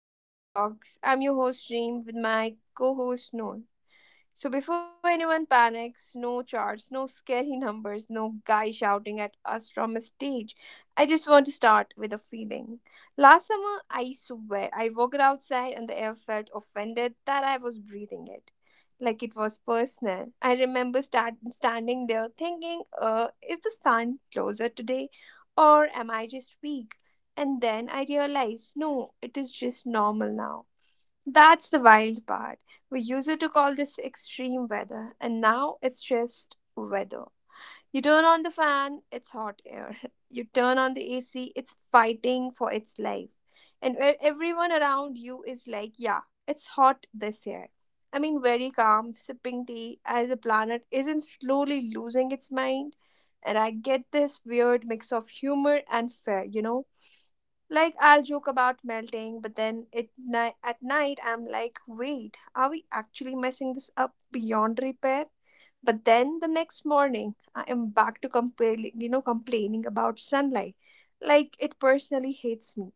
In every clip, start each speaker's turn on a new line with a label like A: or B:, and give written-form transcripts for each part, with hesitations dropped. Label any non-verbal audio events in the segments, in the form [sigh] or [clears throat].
A: to the Pink Theory Talks. I'm your host Reem with my co-host Noor. So before anyone panics, no charts, no scary [laughs] numbers, no guy shouting at us from a stage. I just want to start with a feeling. Last summer, I swear, I walked outside and the air felt offended that I was breathing it. Like it was personal. I remember standing there thinking, is the sun closer today or am I just weak? And then I realized, no, it is just normal now. That's the wild part. We used to call this extreme weather, and now it's just weather. You turn on the fan, it's hot air. [laughs] You turn on the AC, it's fighting for its life. And where everyone around you is like, yeah, it's hot this year. I mean, very calm, sipping tea as the planet isn't slowly losing its mind. And I get this weird mix of humor and fear, you know. Like I'll joke about melting, but then at night I'm like, wait, are we actually messing this up beyond repair? But then the next morning I am back to complaining, you know, complaining about sunlight. Like it personally hates me.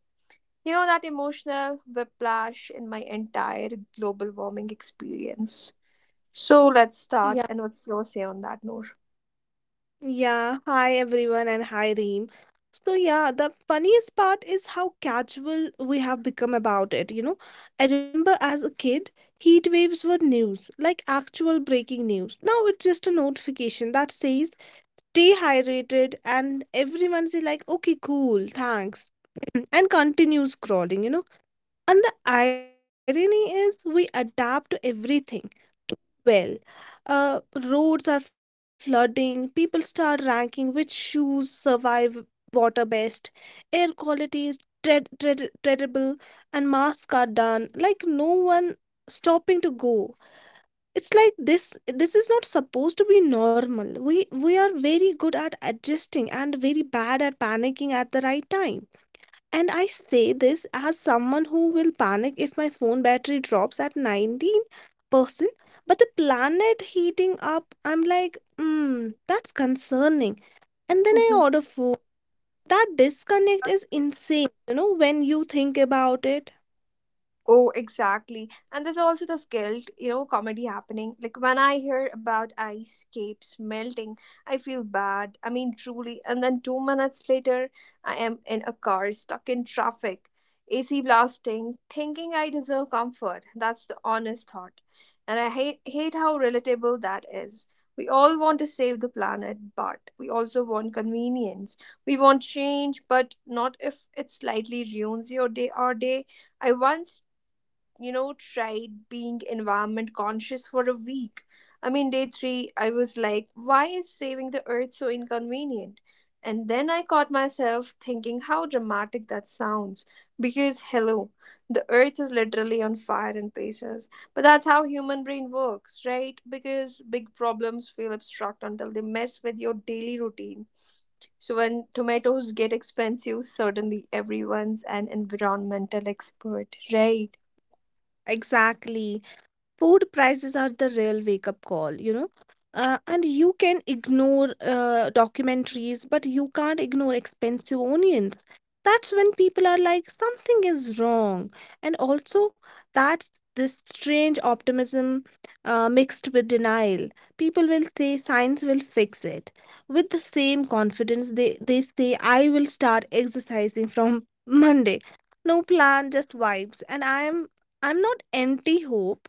A: You know that emotional whiplash in my entire global warming experience. So let's start.
B: Yeah,
A: And what's your say on that, Noor?
B: yeah. Hi everyone and hi Reem. So yeah, the funniest part is how casual we have become about it, you know. I remember as a kid, heat waves were news, like actual breaking news. Now it's just a notification that says stay hydrated and everyone say like, okay, cool, thanks. [clears throat] and continue scrolling, you know. And the irony is we adapt to everything. Well. Uh, Roads are flooding, people start ranking which shoes survive water best, air quality is dread, terrible, and masks are done. Like no one stopping to go. It's like this is not supposed to be normal. We are very good at adjusting and very bad at panicking at the right time. And I say this as someone who will panic if my phone battery drops at 19%, but the planet heating up, I'm like, hmm, that's concerning. And then I
A: Mhm.
B: order food. That disconnect is insane, you know, when you think about it.
A: Oh, exactly. And there's also this guilt, you know, comedy happening. Like when I hear about ice capes melting, I feel bad. I mean, truly. And then 2 minutes later, I am in a car stuck in traffic, AC blasting, thinking I deserve comfort. That's the honest thought. And I hate how relatable that is. We all want to save the planet, but we also want convenience. We want change, but not if it slightly ruins your day or day. I once you know, tried being environment conscious for a week. I mean, day three, I was like, why is saving the earth so inconvenient? And then I caught myself thinking how dramatic that sounds. Because, hello, the earth is literally on fire in places. But that's how human brain works, right? Because big problems feel abstract until they mess with your daily routine. So when tomatoes get expensive, suddenly everyone's an environmental expert, right?
B: Exactly. Food prices are the real wake up call, you know. And you can ignore documentaries, but you can't ignore expensive onions. That's when people are like something is wrong. And also, that's this strange optimism mixed with denial. People will say science will fix it with the same confidence they say I will start exercising from [laughs] Monday. No plan, just vibes. And I'm not anti hope,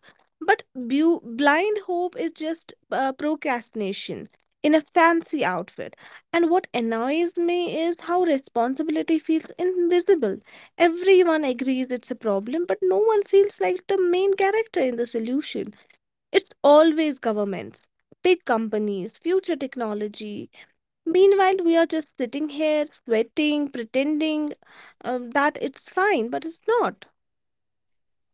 B: but blind hope is just procrastination in a fancy outfit. And what annoys me is how responsibility feels invisible. Everyone agrees it's a problem, but no one feels like the main character in the solution. It's always governments, big companies, future technology. Meanwhile, we are just sitting here sweating, pretending that it's fine, but it's not.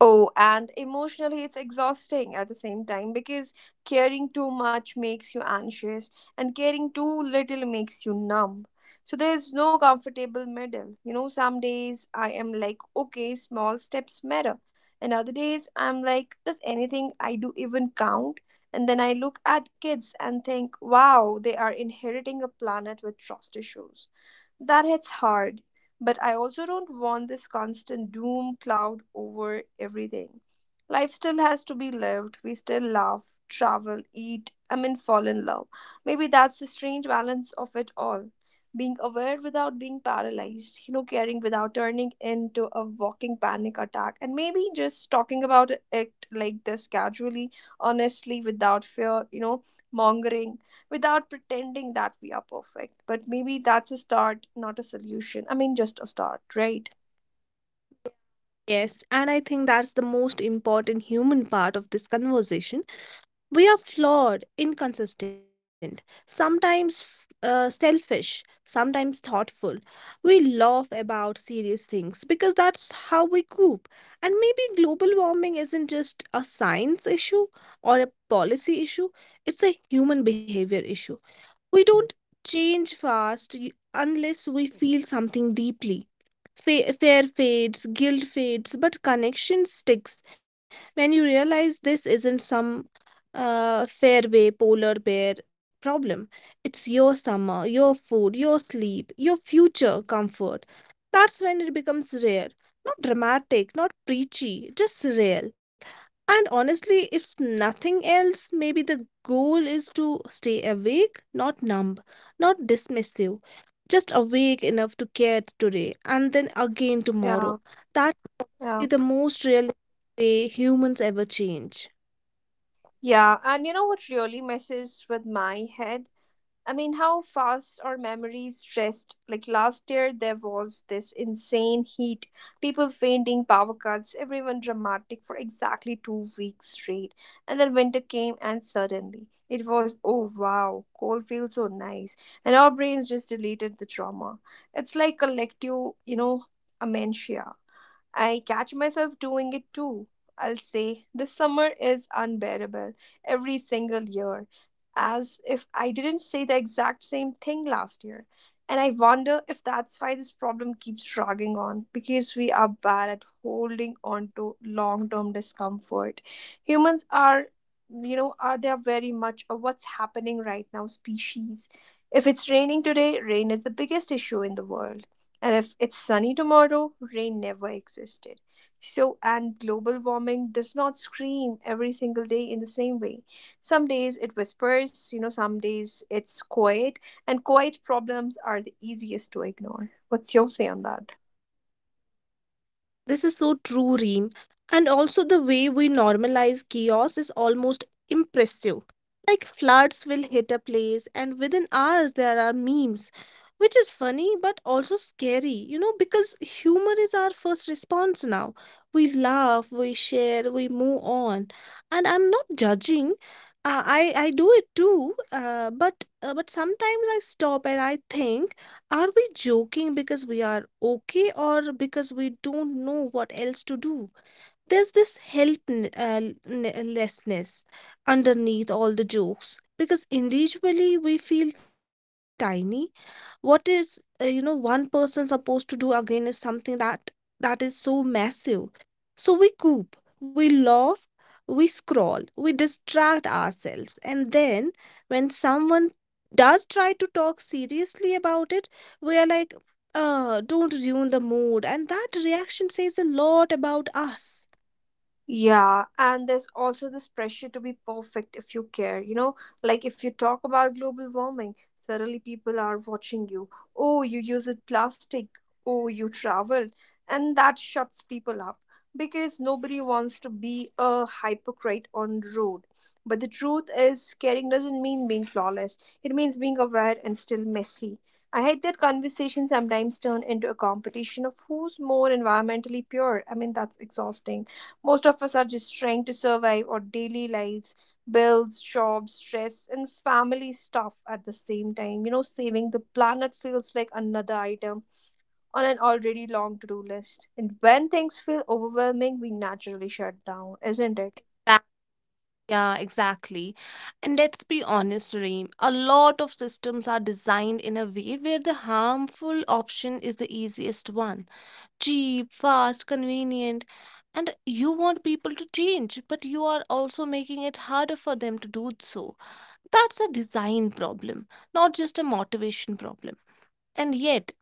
A: Oh, and emotionally, it's exhausting at the same time because caring too much makes you anxious, and caring too little makes you numb. So, there's no comfortable middle. You know, some days I am like, okay, small steps matter. And other days I'm like, does anything I do even count? And then I look at kids and think, wow, they are inheriting a planet with trust issues. That hits hard, but I also don't want this constant doom cloud over everything. Life still has to be lived. We still laugh, travel, eat, I mean, fall in love. Maybe that's the strange balance of it all. Being aware without being paralyzed, you know, caring without turning into a walking panic attack, and maybe just talking about it like this casually, honestly, without fear, you know, mongering without pretending that we are perfect. But maybe that's a start, not a solution. I mean, just a start, right?
B: Yes, and I think that's the most important human part of this conversation. We are flawed, inconsistent, sometimes selfish, sometimes thoughtful. We laugh about serious things because that's how we cope. And maybe global warming isn't just a science issue or a policy issue, it's a human behavior issue. We don't change unless we feel something deeply. Fear fades, guilt fades, but connection sticks. When you realize this isn't some fairway polar bear problem, it's your summer, your food, your sleep, your future comfort. That's when it becomes rare. Not dramatic, not preachy, just real. And honestly, if nothing else, maybe the goal is to stay awake, not numb, not dismissive, just awake enough to care today and then again
A: Yeah,
B: tomorrow. That'll be
A: yeah.
B: the most real way humans ever change.
A: Yeah, and you know what really messes with my head? I mean, how fast our memories rest. Like last year, there was this insane heat, people fainting, power cuts, everyone dramatic for exactly 2 weeks straight. And then winter came, and suddenly it was, oh wow, cold feels so nice. And our brains just deleted the trauma. It's like collective, you know, amnesia. I catch myself doing it too. I'll say, the summer is unbearable every single year, as if I didn't say the exact same thing last year. And I wonder if that's why this problem keeps dragging on, because we are bad at holding on to long term discomfort. Humans are, you know, are they are very much of what's happening right now species. If it's raining today, rain is the biggest issue in the world. And if it's sunny tomorrow, rain never existed. So, and global warming does not scream every single day in the same way. Some days it whispers, you know, some days it's quiet, and quiet problems are the easiest to ignore. What's your say on that?
B: This is so true, Reem. And also, the way we normalize chaos is almost impressive. Like, floods will hit a place, and within hours, there are memes, which is funny but also scary, you know, because humor is our first response now. We laugh, we share, we move on. And I'm not judging. I do it too, but sometimes I stop and I think, are we joking because we are okay or because we don't know what else to do? There's this helplessness underneath all the jokes because individually we feel tiny. What is you know, one person supposed to do again is something that is so massive. So we laugh, we scroll, we distract ourselves. And then when someone does try to talk seriously about it, we are like, don't ruin the mood. And that reaction says a lot about us.
A: Yeah, and there's also this pressure to be perfect if you care. You know, like if you talk about global warming, suddenly people are watching you. Oh, you use it plastic. Oh, you traveled. And that shuts people up because nobody wants to be a hypocrite on the road. But the truth is, caring doesn't mean being flawless, it means being aware and still messy. I hate that conversations sometimes turn into a competition of who's more environmentally pure. I mean, that's exhausting most of us are just trying to survive our daily lives, bills, jobs, stress, and family stuff at the same time. You know, saving the planet feels like another item on an already long to do list. And when things feel overwhelming, we naturally shut down, isn't it?
B: Yeah, exactly. And let's be honest, Reem, a lot of systems are designed in a way where the harmful option is the easiest one. Cheap, fast, convenient. And you want people to change, but you are also making it harder for them to do so. That's a design problem, not just a motivation problem. And yet,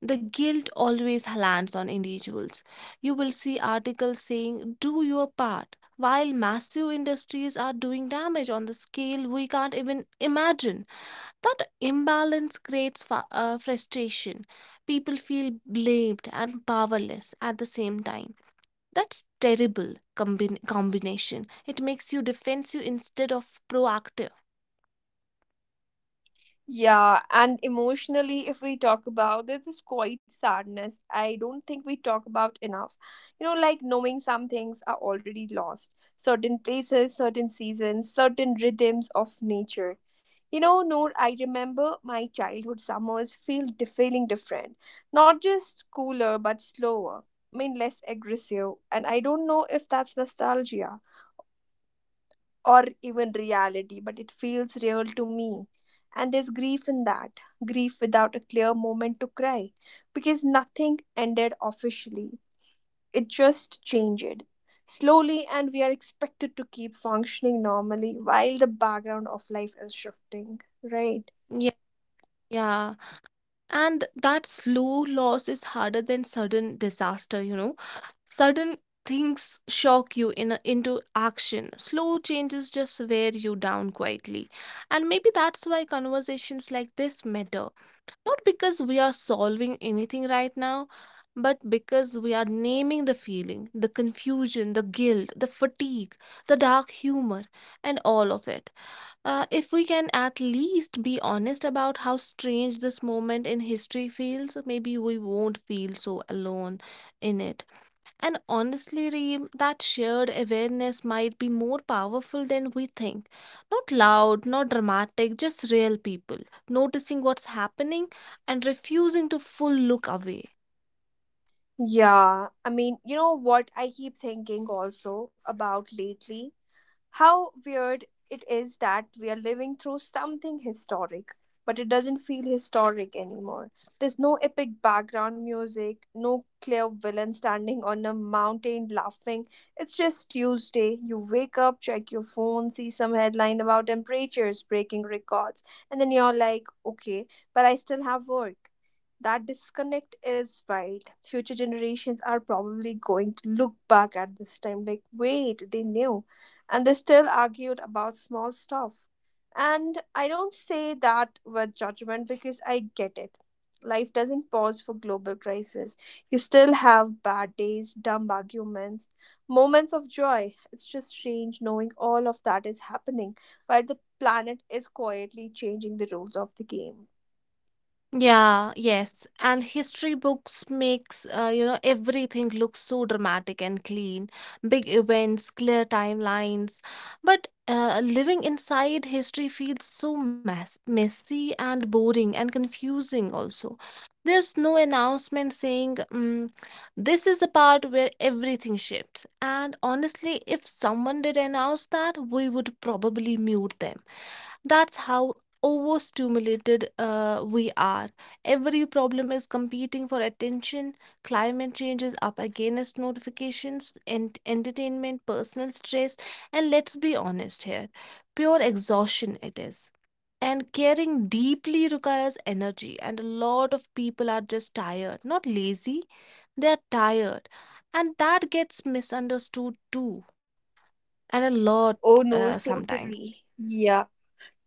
B: the guilt always lands on individuals. You will see articles saying, do your part, while massive industries are doing damage on the scale we can't even imagine. That imbalance creates frustration. People feel blamed and powerless at the same time. That's terrible combination. It makes you defensive instead of proactive.
A: Yeah, and emotionally, if we talk about, there's this quiet sadness I don't think we talk about enough. You know, like knowing some things are already lost, certain places, certain seasons, certain rhythms of nature. You know, Noor, I remember my childhood summers feeling different, not just cooler, but slower. I mean, less aggressive, and I don't know if that's nostalgia or even reality, but it feels real to me. And there's grief in that grief without a clear moment to cry, because nothing ended officially. It just changed. Slowly, and we are expected to keep functioning normally while the background of life is shifting, right?
B: Yeah, yeah. And that slow loss is harder than sudden disaster, you know. Sudden things shock you in into action. Slow changes just wear you down quietly. And maybe that's why conversations like this matter. Not because we are solving anything right now, but because we are naming the feeling, the confusion, the guilt, the fatigue, the dark humor, and all of it. If we can at least be honest about how strange this moment in history feels, maybe we won't feel so alone in it. And honestly, Reem, that shared awareness might be more powerful than we think. Not loud, not dramatic, just real people noticing what's happening and refusing to full look away.
A: Yeah, I mean, you know what I keep thinking also about lately? How weird it is that we are living through something historic, but it doesn't feel historic anymore. There's no epic background music, no clear villain standing on a mountain laughing. It's just Tuesday. You wake up, check your phone, see some headline about temperatures breaking records, and then you're like, okay, but I still have work. That disconnect is wild. Future generations are probably going to look back at this time like, wait, they knew and they still argued about small stuff. And I don't say that with judgment because I get it. Life doesn't pause for global crisis. You still have bad days, dumb arguments, moments of joy. It's just strange knowing all of that is happening while the planet is quietly changing the rules of the game.
B: Yeah, yes. And history books makes you know, everything look so dramatic and clean. Big events, clear timelines. But living inside history feels so messy and boring and confusing also. There's no announcement saying mm, this is the part where everything shifts. And honestly, if someone did announce that, we would probably mute them. That's how overstimulated we are. Every problem is competing for attention. Climate change is up against notifications, and entertainment, personal stress, and let's be honest here, pure exhaustion it is. And caring deeply requires energy, and a lot of people are just tired, not lazy, they are tired, and that gets misunderstood too, and a lot
A: Oh no,
B: sometimes.
A: totally. Yeah.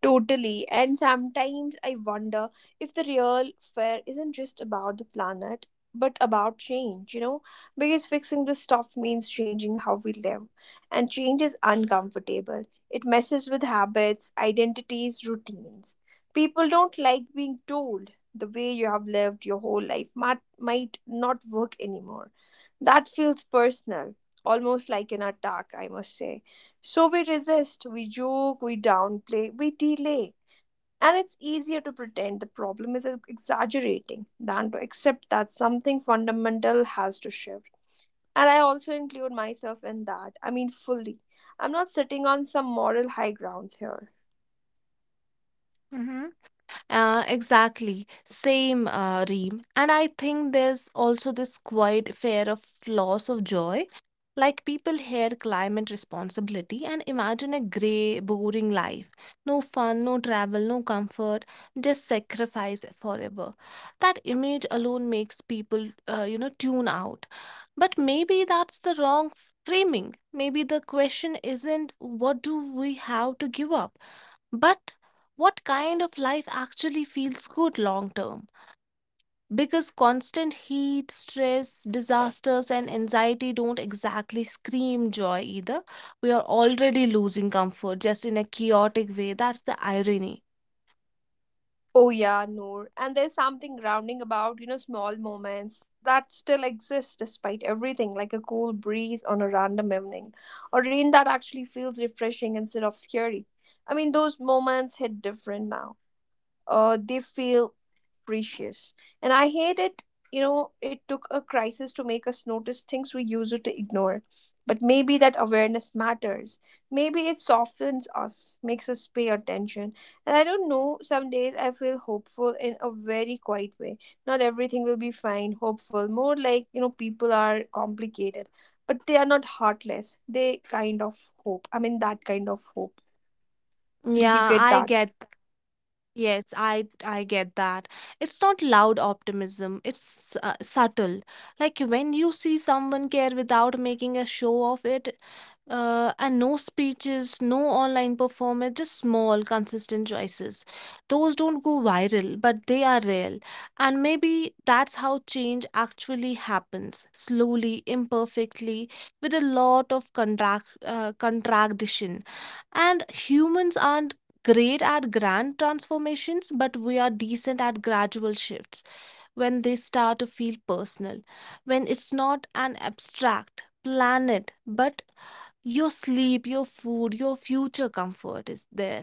A: Totally. And sometimes I wonder if the real fear isn't just about the planet, but about change, you know? Because fixing this stuff means changing how we live. And change is uncomfortable. It messes with habits, identities, routines. People don't like being told the way you have lived your whole life might not work anymore. That feels personal, almost like an attack, I must say. So we resist, we joke, we downplay, we delay. And it's easier to pretend the problem is exaggerating than to accept that something fundamental has to shift. And I also include myself in that. I mean, fully. I'm not sitting on some moral high grounds here.
B: Exactly, same, Reem. And I think there's also this quiet fear of loss of joy. Like people hear climate responsibility and imagine a grey, boring life. No fun, no travel, no comfort, just sacrifice forever. That image alone makes people, you know, tune out. But maybe that's the wrong framing. Maybe the question isn't what do we have to give up? But what kind of life actually feels good long term? Because constant heat, stress, disasters, and anxiety don't exactly scream joy either. We are already losing comfort just in a chaotic way. That's the irony.
A: Oh yeah, Noor. And there's something grounding about, you know, small moments that still exist despite everything, like a cool breeze on a random evening, or rain that actually feels refreshing instead of scary. I mean, those moments hit different now they feel precious. And I hate it. You know, it took a crisis to make us notice things we used to ignore. But maybe that awareness matters. Maybe it softens us, makes us pay attention. And I don't know, some days I feel hopeful in a very quiet way. Not everything will be fine, hopeful. More like, you know, people are complicated, but they are not heartless. They kind of hope. I mean, that kind of hope. Did you
B: Yeah,
A: get
B: I
A: that?
B: get that. Yes, I get that. It's not loud optimism. It's subtle. Like when you see someone care without making a show of it, and no speeches, no online performance, just small, consistent choices. Those don't go viral, but they are real. And maybe that's how change actually happens, slowly, imperfectly, with a lot of contradiction. And humans aren't great at grand transformations, but we are decent at gradual shifts when they start to feel personal, when it's not an abstract planet but your sleep, your food, your future comfort is there.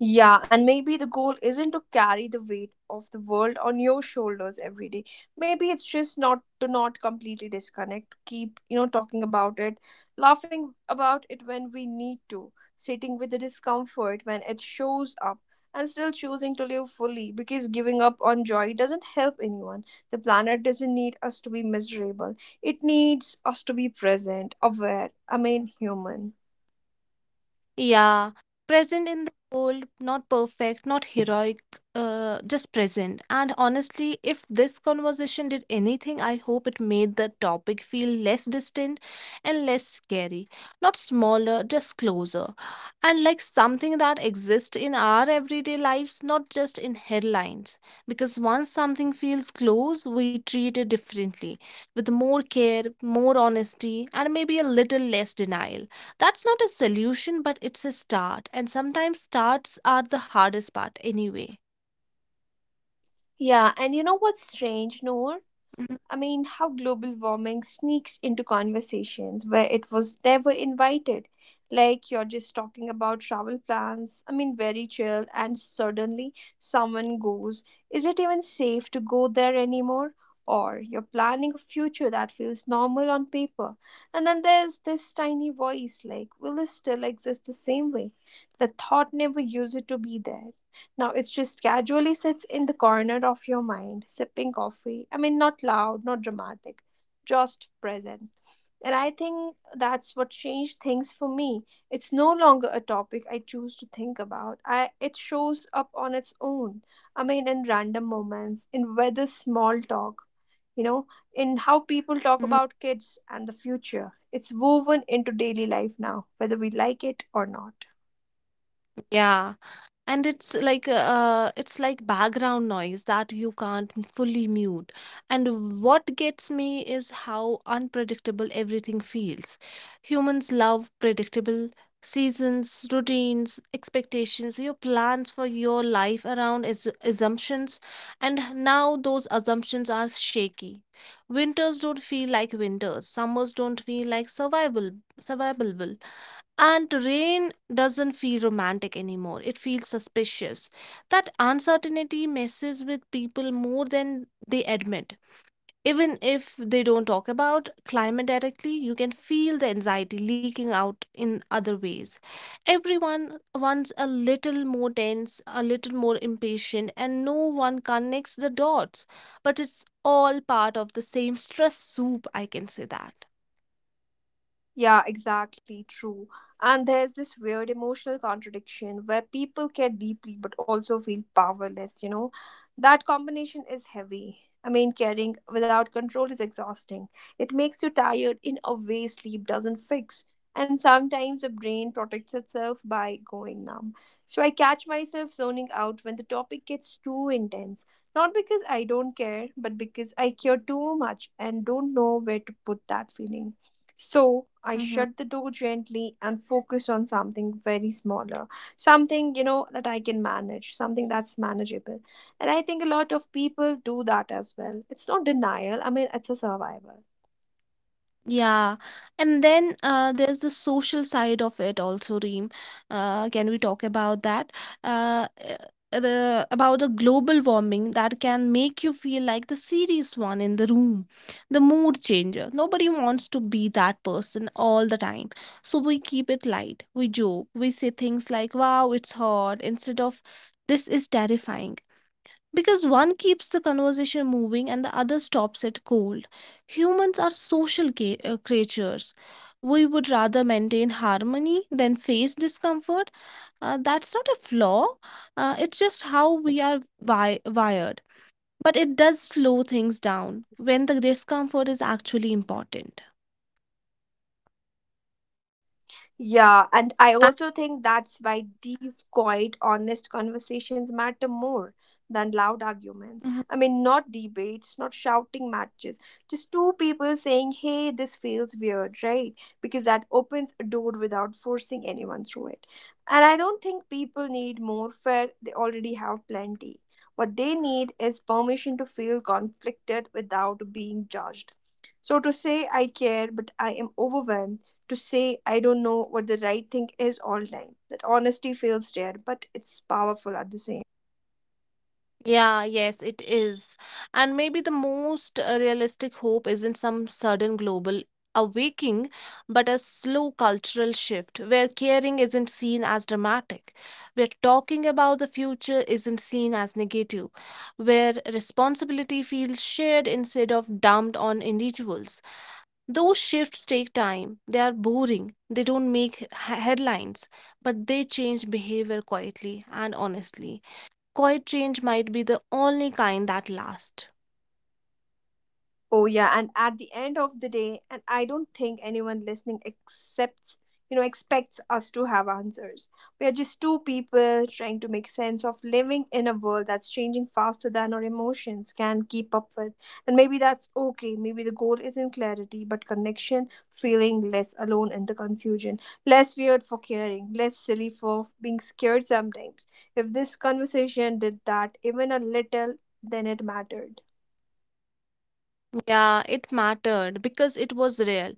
A: Yeah, and maybe the goal isn't to carry the weight of the world on your shoulders every day. Maybe it's just not to not completely disconnect, keep, you know, talking about it, laughing about it when we need to, sitting with the discomfort when it shows up, and still choosing to live fully because giving up on joy doesn't help anyone. The planet doesn't need us to be miserable. It needs us to be present, aware, I mean human.
B: Yeah, present in the world, not perfect, not heroic, just present. And honestly, if this conversation did anything, I hope it made the topic feel less distant and less scary. Not smaller, just closer. And like something that exists in our everyday lives, not just in headlines. Because once something feels close, we treat it differently, with more care, more honesty, and maybe a little less denial. That's not a solution, but it's a start. And sometimes starts are the hardest part anyway.
A: Yeah, and you know what's strange, Noor?
B: Mhm,
A: I mean, how global warming sneaks into conversations where it was never invited. Like you're just talking about travel plans, I mean, very chill, and suddenly someone goes, is it even safe to go there anymore? Or you're planning a future that feels normal on paper. And then there's this tiny voice like, will this still exist the same way? The thought never used to be there. Now it just casually sits in the corner of your mind, sipping coffee. Not loud, not dramatic, just present. And I think that's what changed things for me. It's no longer a topic I choose to think about. I It shows up on its own. In random moments, in whether small talk, you know, in how people talk
B: mhm.
A: about kids and the future. It's woven into daily life now, whether we like it or not.
B: Yeah. And it's like background noise that you can't fully mute. And what gets me is how unpredictable everything feels. Humans love predictable seasons, routines, expectations. Your plans for your life around is assumptions, and now those assumptions are shaky. Winters don't feel like winters, summers don't feel like survival survivable, and rain doesn't feel romantic anymore. It feels suspicious. That uncertainty messes with people more than they admit. Even if they don't talk about climate directly, you can feel the anxiety leaking out in other ways. Everyone wants a little more tense, a little more impatient, and no one connects the dots. But it's all part of the same stress soup, I can say that.
A: Yeah, exactly, true. And there's this weird emotional contradiction where people care deeply but also feel powerless, you know? That combination is heavy. Caring without control is exhausting. It makes you tired in a way sleep doesn't fix. And sometimes the brain protects itself by going numb. So I catch myself zoning out when the topic gets too intense. Not because I don't care, but because I care too much and don't know where to put that feeling. So I
B: Mhm.
A: shut the door gently and focused on something very smaller, something, that I can manage, something that's manageable. And I think a lot of people do that as well. It's not denial, it's a survival.
B: Yeah, and then there's the social side of it also, Reem. Can we talk about that? Uh, uh, the
A: Yeah,
B: about the
A: sure.
B: global warming that can make you feel like the serious one in the room, the mood changer. Nobody wants to be that person all the time, so we keep it light. We joke, we say things like, "Wow, it's hot," instead of "This is terrifying," because one keeps the conversation moving and the other stops it cold. Humans are social creatures. We would rather maintain harmony than face discomfort. That's not a flaw, it's just how we are wired. But it does slow things down when the discomfort is actually important.
A: Yeah, and I also think that's why these quiet, honest conversations matter more than loud arguments.
B: And
A: Not debates, not shouting matches, just two people saying, hey, this feels weird, right? Because that opens a door without forcing anyone through it. And I don't think people need more fair, they already have plenty. What they need is permission to feel conflicted without being judged. So to say, I care, but I am overwhelmed to say I don't know what the right thing is all time. That honesty feels rare, but it's powerful at the same time, right?
B: yeah, yes, it is. And maybe the most realistic hope isn't some sudden global awakening, but a slow cultural shift where caring isn't seen as dramatic, where talking about the future isn't seen as negative, where responsibility feels shared instead of dumped on individuals. Those shifts take time, they are boring, they don't make headlines, but they change behavior quietly and honestly. Quiet change might be the only kind that lasts.
A: Oh yeah, and at the end of the day, and I don't think anyone listening accepts, expects us to have answers. We are just two people trying to make sense of living in a world that's changing faster than our emotions can keep up with. And maybe that's okay. Maybe the goal isn't clarity, but connection, feeling less alone in the confusion, less weird for caring, less silly for being scared sometimes. If this conversation did that even a little, then it mattered.
B: Yeah, it mattered because it was real.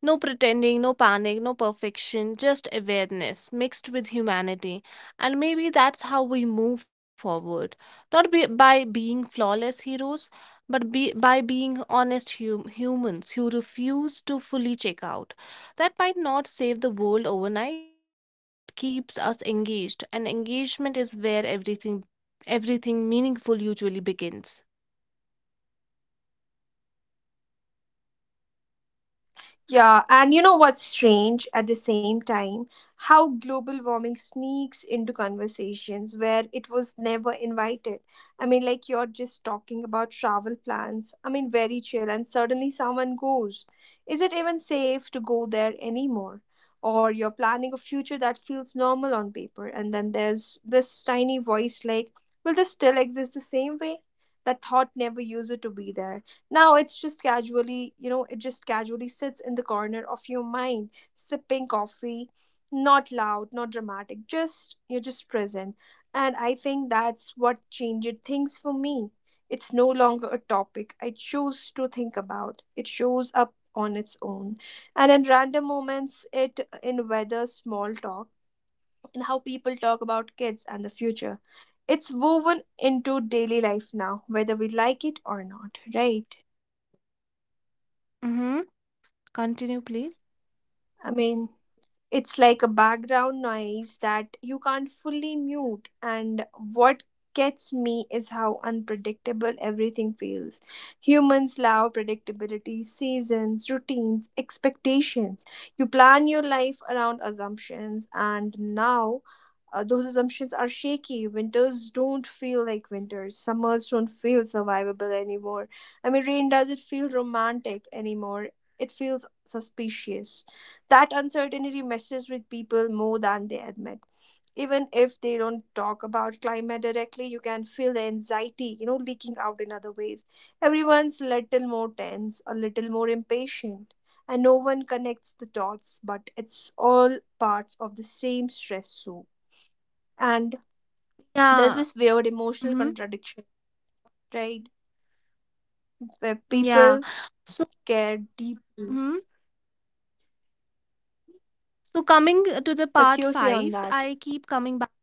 B: No pretending, no panic, no perfection, just awareness mixed with humanity. And maybe that's how we move forward. Not by being flawless heroes, but by being honest humans who refuse to fully check out. That might not save the world overnight, but it keeps us engaged. And engagement is where everything meaningful usually begins.
A: Yeah, and you know what's strange at the same time? How global warming sneaks into conversations where it was never invited. Like you're just talking about travel plans. Very chill, and suddenly someone goes, is it even safe to go there anymore? Or you're planning a future that feels normal on paper, and then there's this tiny voice like, will this still exist the same way? That thought never used to be there. Now it's just casually, it just casually sits in the corner of your mind, sipping coffee, not loud, not dramatic, just present. And I think that's what changed things for me. It's no longer a topic I choose to think about. It shows up on its own. And in random moments, it in whether small talk, in how people talk about kids and the future. It's woven into daily life now, whether we like it or not, right?
B: Mm-hmm. Continue, please.
A: I mean, it's like a background noise that you can't fully mute. And what gets me is how unpredictable everything feels. Humans love predictability, seasons, routines, expectations. You plan your life around assumptions, and now those assumptions are shaky. Winters don't feel like winters, summers don't feel survivable anymore. Rain doesn't feel romantic anymore, it feels suspicious. That uncertainty messes with people more than they admit. Even if they don't talk about climate directly, you can feel the anxiety, leaking out in other ways. Everyone's little more tense, a little more impatient, and no one connects the dots, but it's all parts of the same stress soup. And there's
B: Yeah.
A: this weird emotional
B: Mm-hmm.
A: contradiction, right? Where
B: Yeah.
A: people
B: So,
A: care deeply.
B: mhm. So coming to the
A: What's
B: part
A: your say on
B: five,
A: that?
B: I keep coming back.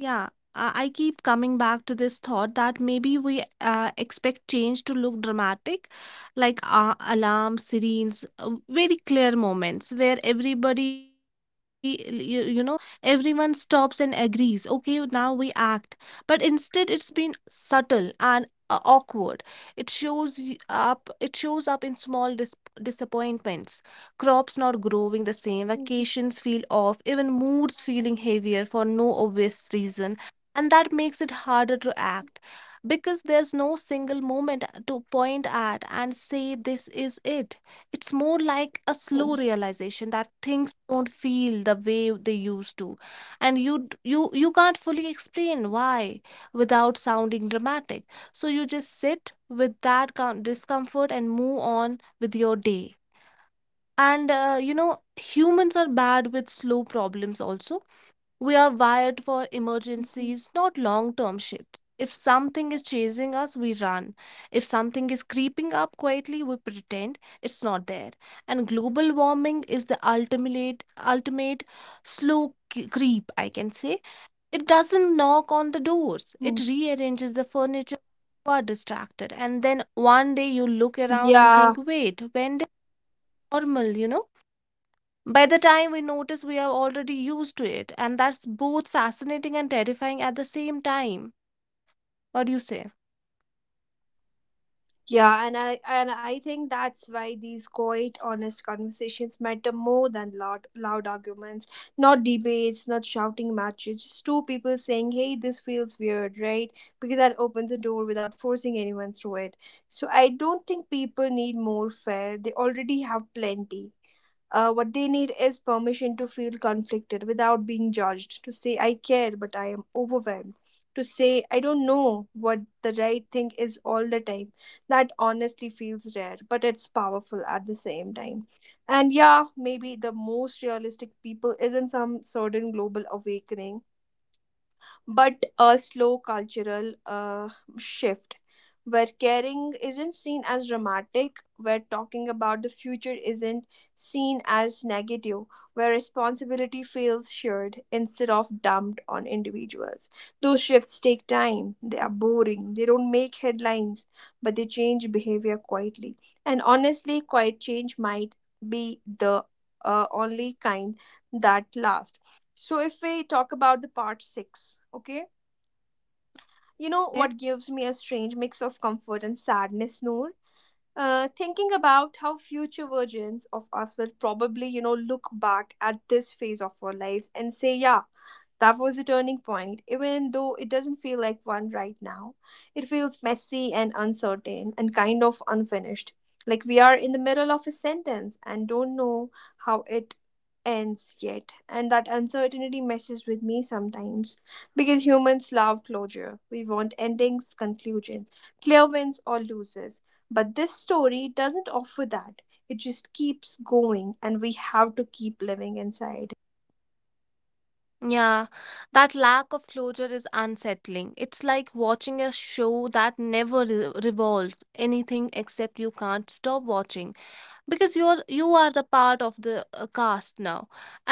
B: Yeah, I keep coming back to this thought that maybe we expect change to look dramatic, like alarm sirenes, very clear moments where everybody, you know, everyone stops and agrees. Okay, now we act. But instead, it's been subtle and awkward. It shows y- up. It shows up in small disappointments, crops not growing the same, vacations feel off, even moods feeling heavier for no obvious reason. And that makes it harder to act because there's no single moment to point at and say this is it. It's more like a slow realization that things don't feel the way they used to and you d- you can't fully explain why without sounding dramatic. So you just sit with that discomfort and move on with your day. And you know, humans are bad with slow problems also. We are wired for
A: Mhm.
B: emergencies, not long term shifts. If something is chasing us, we run. If something is creeping up quietly, we pretend it's not there. And global warming is the ultimate slow creep, I can say. It doesn't knock on the doors, it rearranges the furniture. You are distracted. And then one day you look around and
A: Yeah,
B: think, wait, when did normal, you know? By the time we notice, we are already used to it, and that's both fascinating and terrifying at the same time. What do you say?
A: yeah, and I think that's why these quiet, honest conversations matter more than loud arguments. Not debates, not shouting matches, just two people saying, hey, this feels weird, right? Because that opens the door without forcing anyone through it. So I don't think people need more fair. They already have plenty. What they need is permission to feel conflicted without being judged, to say, I care, but I am overwhelmed, to say, I don't know what the right thing is all the time. That honestly feels rare, but it's powerful at the same time. And yeah, maybe the most realistic people isn't some sudden global awakening but a slow cultural shift where caring isn't seen as dramatic, where talking about the future isn't seen as negative, where responsibility feels shared instead of dumped on individuals. Those shifts take time, they are boring, they don't make headlines, but they change behavior quietly. And honestly, quiet change might be the only kind that lasts. So, if we talk about the part six, okay, you know
B: Yeah.
A: what gives me a strange mix of comfort and sadness, Noor? Thinking about how future versions of us will probably, look back at this phase of our lives and say, yeah, that was a turning point, even though it doesn't feel like one right now. It feels messy and uncertain and kind of unfinished. Like we are in the middle of a sentence and don't know how it ends yet. And that uncertainty messes with me sometimes because humans love closure. We want endings, conclusions, clear wins, or losses but this story doesn't offer that. It just keeps going, and we have to keep living inside it, right?
B: Yeah, that lack of closure is unsettling. It's like watching a show that never revolves anything except you can't stop watching, because you are the part of the cast now.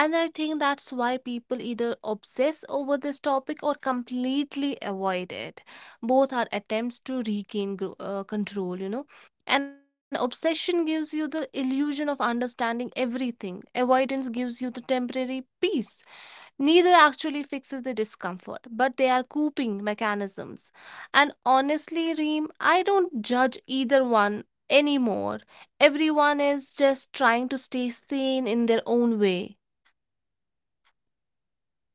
B: And I think that's why people either obsess over this topic or completely avoid it. Both are attempts to regain control, you know. And obsession gives you the illusion of understanding everything, avoidance gives you the temporary peace. Neither actually fixes the discomfort, but they are coping mechanisms. And honestly, Reem, I don't judge either one anymore. Everyone is just trying to stay sane in their own way.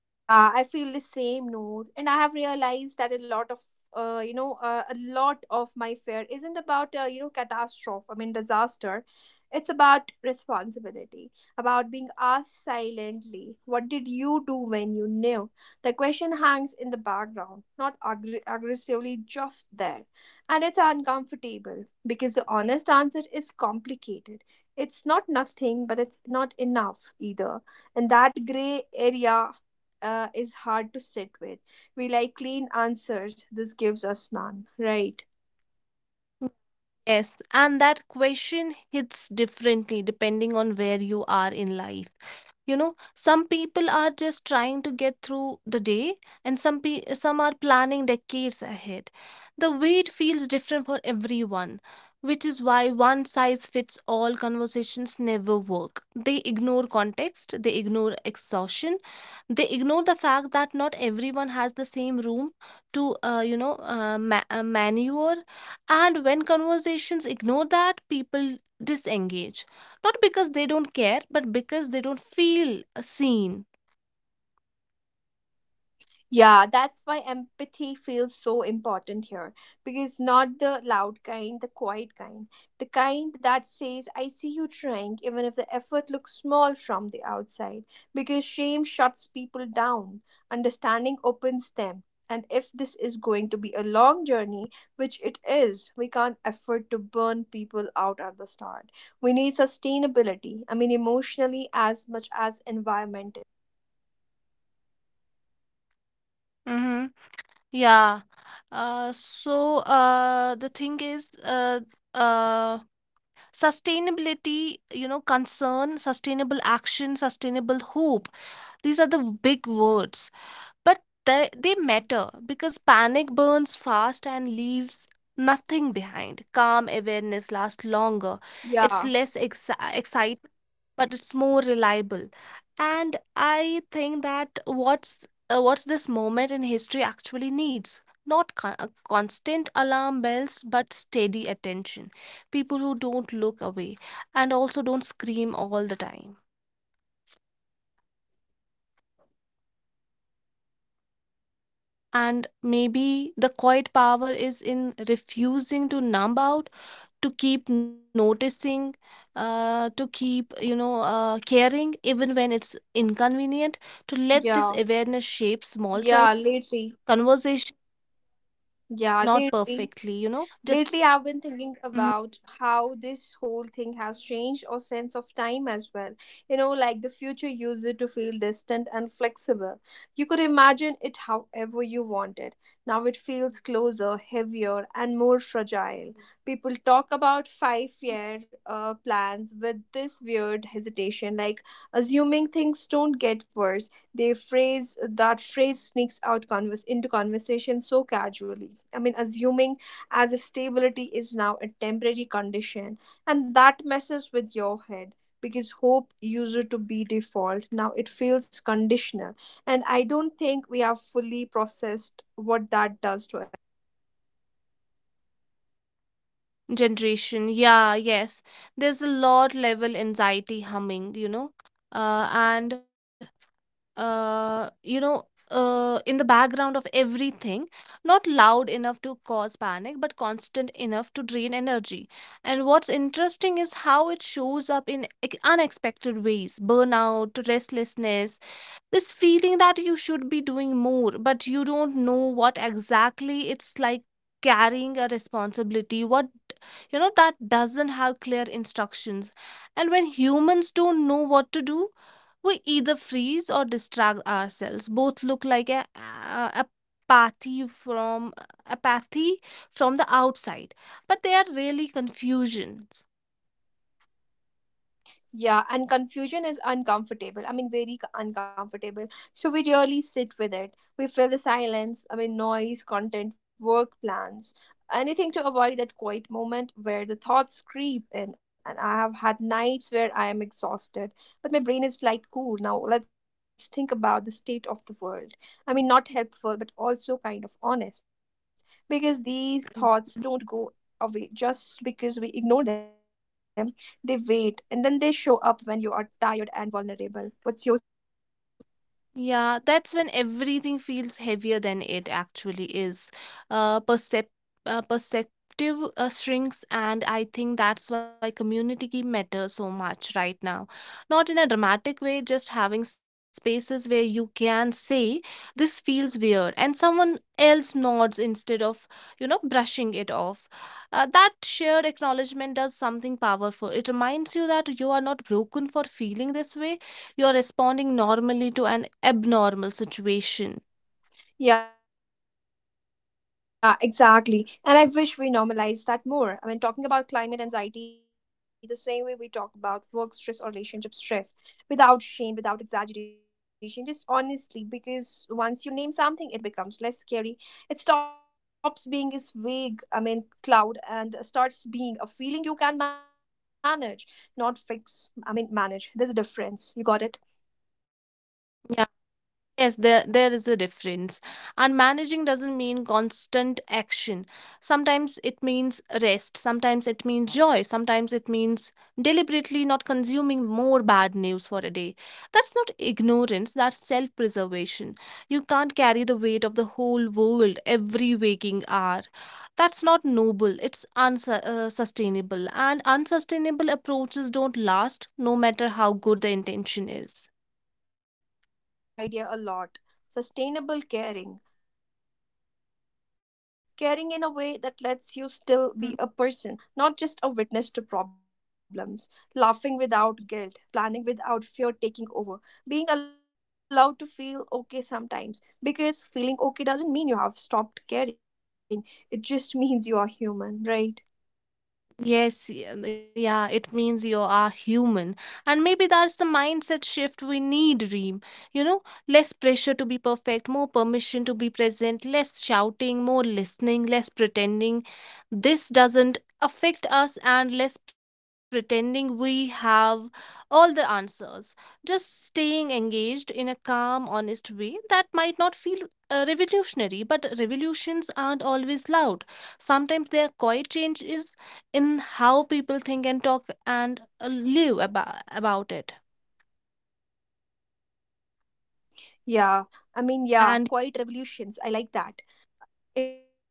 A: Yeah, I feel the same, Noor. And I have realized that a lot of, a lot of my fear isn't about, catastrophe, disaster. It's about responsibility, about being asked silently, what did you do when you knew? The question hangs in the background, not aggressively, just there. And it's uncomfortable because the honest answer is complicated. It's not nothing, but it's not enough either and that gray area is hard to sit with. We like clean answers. This gives us none, right?
B: Yes, and that question hits differently depending on where you are in life. You know, some people are just trying to get through the day, and some are planning decades ahead. The weight feels different for everyone, which is why one size fits all conversations never work. They ignore context, they ignore exhaustion, they ignore the fact that not everyone has the same room to, you know, ma maneuver. And when conversations ignore that, people disengage. Not because they don't care, but because they don't feel seen.
A: Yeah, that's why empathy feels so important here because not the loud kind, the quiet kind, the kind that says, I see you trying, even if the effort looks small from the outside, because shame shuts people down, understanding opens them. And if this is going to be a long journey, which it is, we can't afford to burn people out at the start. We need sustainability, emotionally as much as environmentally, right?
B: Mm-hmm. Yeah. The thing is, uh, sustainability, you know, concern, sustainable action, sustainable hope. These are the big words. But they matter because panic burns fast and leaves nothing behind. Calm awareness lasts longer. It's
A: Yeah,
B: less excitement, but it's more reliable. And I think that what's this moment in history actually needs? Not constant alarm bells, but steady attention. People who don't look away and also don't scream all the time. And maybe the quiet power is in refusing to numb out, to keep noticing, to keep caring even when it's inconvenient, to let this
A: yeah.
B: awareness shape small choice,
A: Yeah, lately.
B: conversation,
A: Yeah,
B: not
A: lately.
B: perfectly, you know, just.
A: Lately, I've been thinking
B: Mhm.
A: about how this whole thing has changed our sense of time as well. Like the future used it to feel distant and flexible. You could imagine it however you wanted. Now it feels closer, heavier, and more fragile. People talk about 5 year plans with this weird hesitation, like assuming things don't get worse. They phrase that phrase sneaks out converse into conversation so casually. Assuming as if stability is now a temporary condition, and that messes with your head because hope used to be default now it feels conditional and I don't think we have fully processed what that does to a generation right.
B: Generation, yeah, yes, there's a lot level anxiety humming, you know, uh, and uh, you know, in the background of everything, not loud enough to cause panic, but constant enough to drain energy. And what's interesting is how it shows up in unexpected ways: burnout, restlessness, this feeling that you should be doing more, but you don't know what exactly. It's like carrying a responsibility, what, you know, that doesn't have clear instructions. And when humans don't know what to do, we either freeze or distract ourselves. Both look like a apathy from apathy from the outside, but they are really confusion.
A: Yeah, and confusion is uncomfortable. Very uncomfortable. So we really sit with it. We feel the silence, noise, content, work plans, anything to avoid that quiet moment where the thoughts creep in. And I have had nights where I am exhausted, but my brain is like, cool, now let's think about the state of the world. Not helpful, but also kind of honest because these thoughts don't go away just because we ignore them they wait and then they show up when you are tired and vulnerable. What's your say on that?
B: Yeah, that's when everything feels heavier than it actually is. Uh, percep Perceptive shrinks, and I think that's why community matters so much right now. Not in a dramatic way, just having spaces where you can say, "This feels weird," and someone else nods instead of, you know, brushing it off. That shared acknowledgement does something powerful. It reminds you that you are not broken for feeling this way, you're responding normally to an abnormal situation.
A: Yeah, exactly. And I wish we normalize that more. Talking about climate anxiety the same way we talk about work stress or relationship stress without shame, without exaggeration, just honestly, because once you name something, it becomes less scary. It stops being this vague, cloud and starts being a feeling you can manage, not fix. Manage. There's a difference. You got it?
B: Yes, there is a difference. And managing doesn't mean constant action. Sometimes it means rest, sometimes it means joy, sometimes it means deliberately not consuming more bad news for a day. That's not ignorance, that's self-preservation. You can't carry the weight of the whole world every waking hour. That's not noble, it's unsustainable. And unsustainable approaches don't last no matter how good the intention is.
A: Yeah, I like that idea a lot. Sustainable caring. Caring in a way that lets you still be a person, not just a witness to problems. Laughing without guilt, planning without fear taking over, being allowed to feel okay sometimes. Because feeling okay doesn't mean you have stopped caring, it just [laughs] means you are human, right?
B: Yes, yeah, it means you are human. And maybe that's the mindset shift we need, Reem. You know, less pressure to be perfect, more permission to be present, less shouting, more listening, less pretending. This doesn't affect us, and less pretending we have all the answers. Just staying engaged in a calm, honest way that might not feel revolutionary, but revolutions aren't always loud. Sometimes their quiet changes in how people think and talk and live about it.
A: Yeah, yeah,
B: And
A: quiet revolutions. I like that.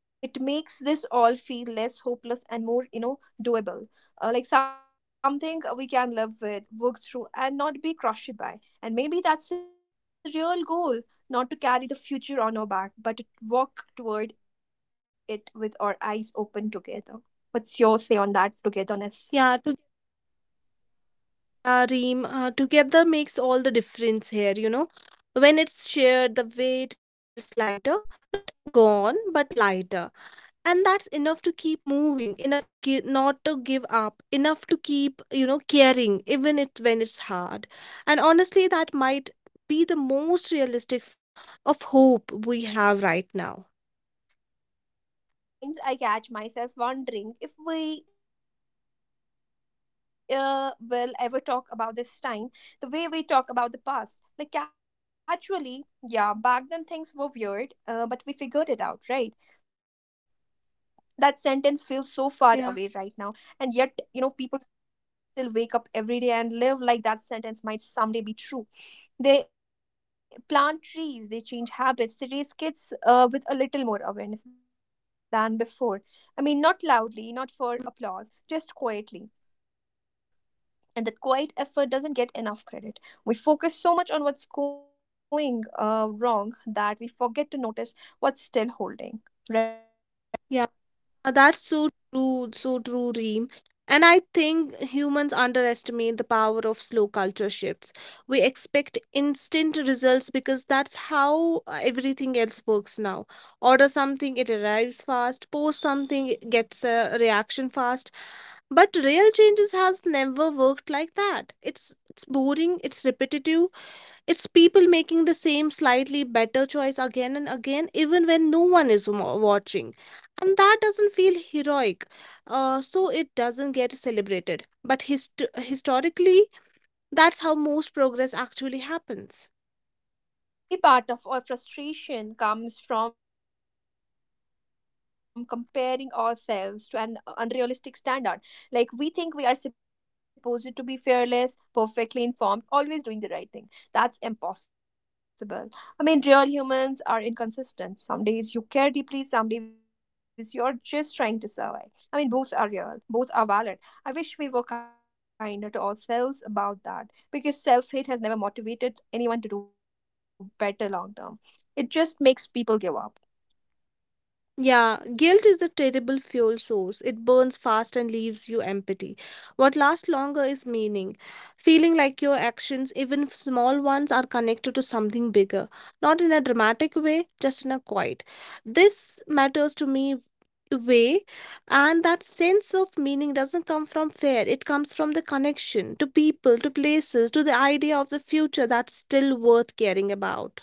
A: It makes this all feel less hopeless and more doable, like something we can live with, work through, and not be crushed by. And maybe that's the real goal: not to carry the future on our back, but to walk toward it with our eyes open together. What's your say on that
B: yeah, to
A: togetherness?
B: Reem, together makes all the difference here, you know. When it's shared, the weight feels lighter, not gone but lighter. And that's enough to keep moving, enough to give not to give up, enough to keep, you know, caring even it when it's hard. And honestly, that might be the most realistic form of hope we have right now.
A: Yeah, and you know, sometimes I catch myself wondering if we will ever talk about this time the way we talk about the past. Like, casually, yeah, back then things were weird, but we figured it out, right? That sentence feels
B: Yeah,
A: so far away right now. And yet, you know, people still wake up every day and live like that sentence might someday be true. They plant trees, they change habits, they raise kids, with a little more awareness than before. I mean, not loudly, not for applause, just quietly. And that quiet effort doesn't get enough credit. We focus so much on what's going wrong that we forget to notice what's still holding, right?
B: yeah. That's so true, Reem. And I think humans underestimate the power of slow culture shifts. We expect instant results because that's how everything else works now. Order something, it arrives fast. Post something, it gets a reaction fast. But real changes has never worked like that. It's boring, it's repetitive, it's people making the same slightly better choice again and again, even when no one is watching. And that doesn't feel heroic, so it doesn't get celebrated. But historically, that's how most progress actually happens.
A: Yeah, and maybe part of our frustration comes from comparing ourselves to an unrealistic standard. Like, we think we are supposed to be fearless, perfectly informed, always doing the right thing. That's impossible. I mean, real humans are inconsistent. Some days you care deeply, some days you're just trying to survive. I mean, both are real, both are valid. I wish we were kinder to ourselves about that, because self hate has never motivated anyone to do better long term. It just makes people give up.
B: Yeah, guilt is a terrible fuel source. It burns fast and leaves you empty. What lasts longer is meaning. Feeling like your actions, even if small ones, are connected to something bigger. Not in a dramatic way, just in a quiet. This matters to me way, and that sense of meaning doesn't come from fear, it comes from the connection to people, to places, to the idea of the future that's still worth caring about.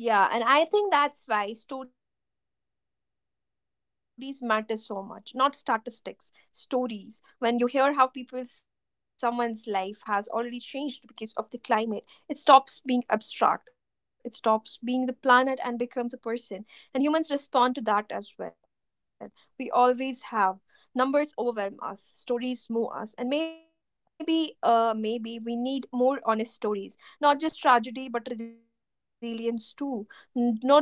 A: Yeah, and I think that's why stories matter so much. Not statistics, stories. When you hear how people someone's life has already changed because of the climate, it stops being abstract. It stops being the planet and becomes a person. And humans respond to that as well. We always have. Numbers overwhelm us, stories move us, and maybe we need more honest stories, not just tragedy but resilience too. Not just loss but effort, right?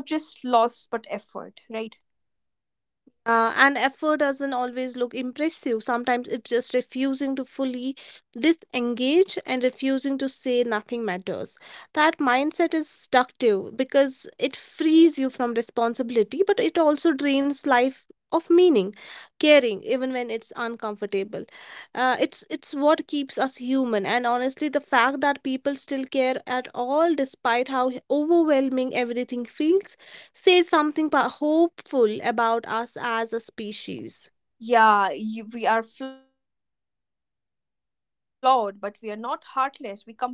B: Yeah, and effort doesn't always look impressive. Sometimes it's just refusing to fully disengage and refusing to say nothing matters. That mindset is destructive because it frees you from responsibility, but it also drains life of meaning, caring, even when it's uncomfortable. It's what keeps us human, and honestly, the fact that people still care at all, despite how overwhelming everything feels, says something hopeful about us as a species.
A: Yeah, you, we are flawed but we are not heartless. We complain, we joke, we procrastinate,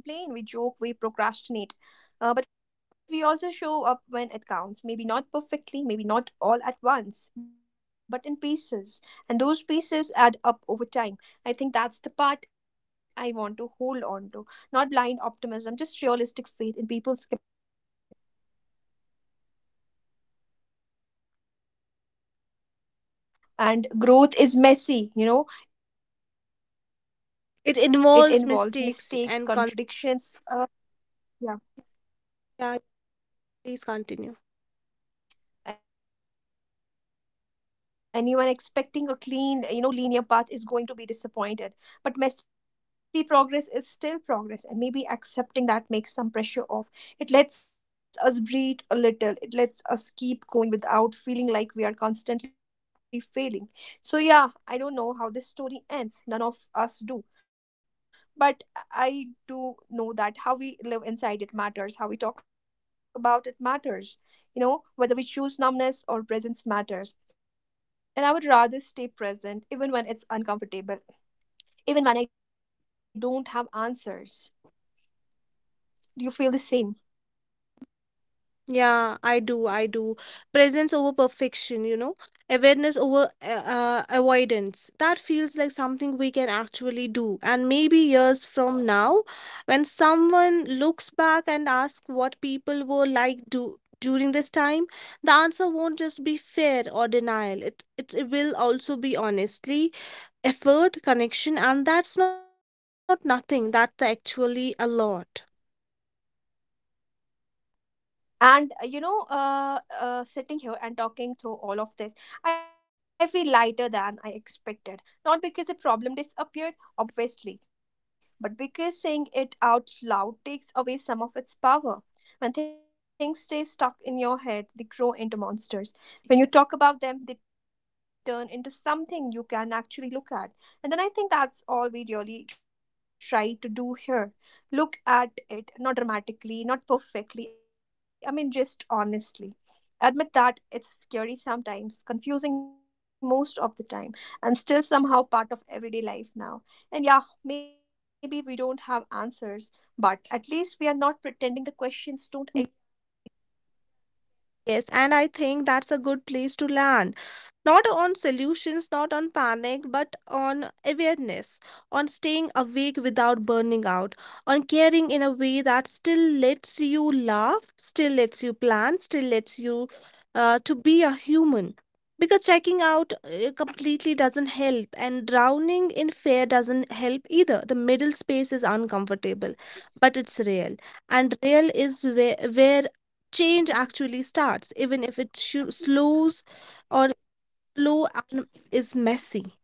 A: but we also show up when it counts. Maybe not perfectly, maybe not all at once, but in pieces. And those pieces add up over time. I think that's the part I want to hold on to. Not blind optimism, just realistic faith in people's capacity to grow. What's your say on that? And growth is messy, you know. It involves mistakes,
B: It involves
A: contradictions,
B: mistakes and con-,
A: yeah.
B: yeah, please continue.
A: Anyone expecting a clean, you know, linear path is going to be disappointed. But messy progress is still progress, and maybe accepting that makes some pressure off. It lets us breathe a little, it lets us keep going without feeling like we are constantly failing. So, yeah, I don't know how this story ends. None of us do. But I do know that how we live inside it matters, how we talk about it matters, you know, whether we choose numbness or presence matters. And I would rather stay present even when it's uncomfortable, even when I don't have answers. Do you feel the same?
B: Yeah, I do. I do. Presence over perfection, you know, awareness over avoidance. That feels like something we can actually do. And maybe years from now, when someone looks back and asks what people were like do during this time, the answer won't just be fear or denial. It will also be honestly effort, connection, and that's not nothing. That's actually a lot.
A: And you know, sitting here and talking through all of this, I feel lighter than I expected. Not because the problem disappeared, obviously, but because saying it out loud takes away some of its power. When things stay stuck in your head, they grow into monsters. When you talk about them, they turn into something you can actually look at. And then I think that's all we really try to do here: look at it, not dramatically, not perfectly, I mean, just honestly. Admit that it's scary sometimes, confusing most of the time, and still somehow part of everyday life now. And yeah, maybe we don't have answers, but at least we are not pretending the questions don't exist, right?
B: Yes, and I think that's a good place to land. Not on solutions, not on panic, but on awareness, on staying awake without burning out, on caring in a way that still lets you laugh, still lets you plan, still lets you to be a human. Because checking out completely doesn't help, and drowning in fear doesn't help either. The middle space is uncomfortable, but it's real, and real is where change actually starts, even if it shu slows or slow and is messy.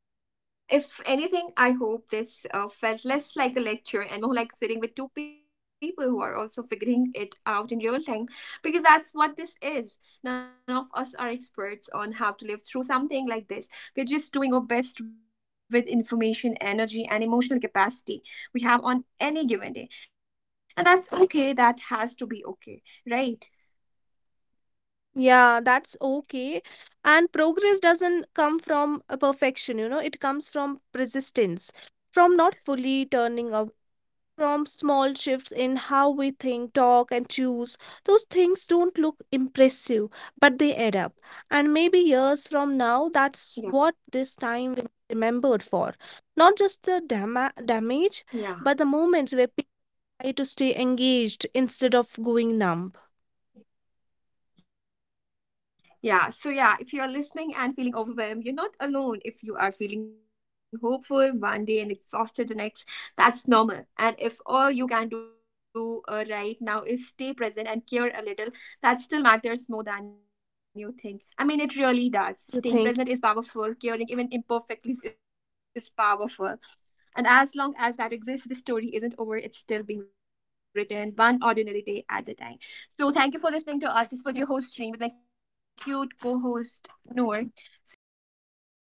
A: Yeah, if anything, I hope this felt less like a lecture and more like sitting with two people who are also figuring it out in real time, because that's what this is. None of us are experts on how to live through something like this. We're just doing our best with information, energy, and emotional capacity we have on any given day. And that's okay. That has to be okay, right?
B: Yeah, that's okay. And progress doesn't come from a perfection, you know, it comes from resistance, from not fully turning away, from small shifts in how we think, talk, and choose. Those things don't look impressive, but they add up. And maybe years from now, that's what
A: Yeah.
B: this time will be remembered for. Not just the damage, but the
A: Yeah.
B: moments where people try to stay engaged instead of going numb.
A: Yeah, so yeah, if you're listening and feeling overwhelmed, you're not alone. If you are feeling hopeful one day and exhausted the next, that's normal. And if all you can do right now is stay present and care a little, that still matters more than you think. I mean, it really does.
B: You
A: Staying
B: think?
A: present is powerful, caring even imperfectly is powerful. And as long as that exists, the story isn't over. It's still being written, one ordinary day at a time. So, thank you for listening to us. This
B: Yeah.
A: was your host, Stream, with my cute co host, Noor. See you in the next episode.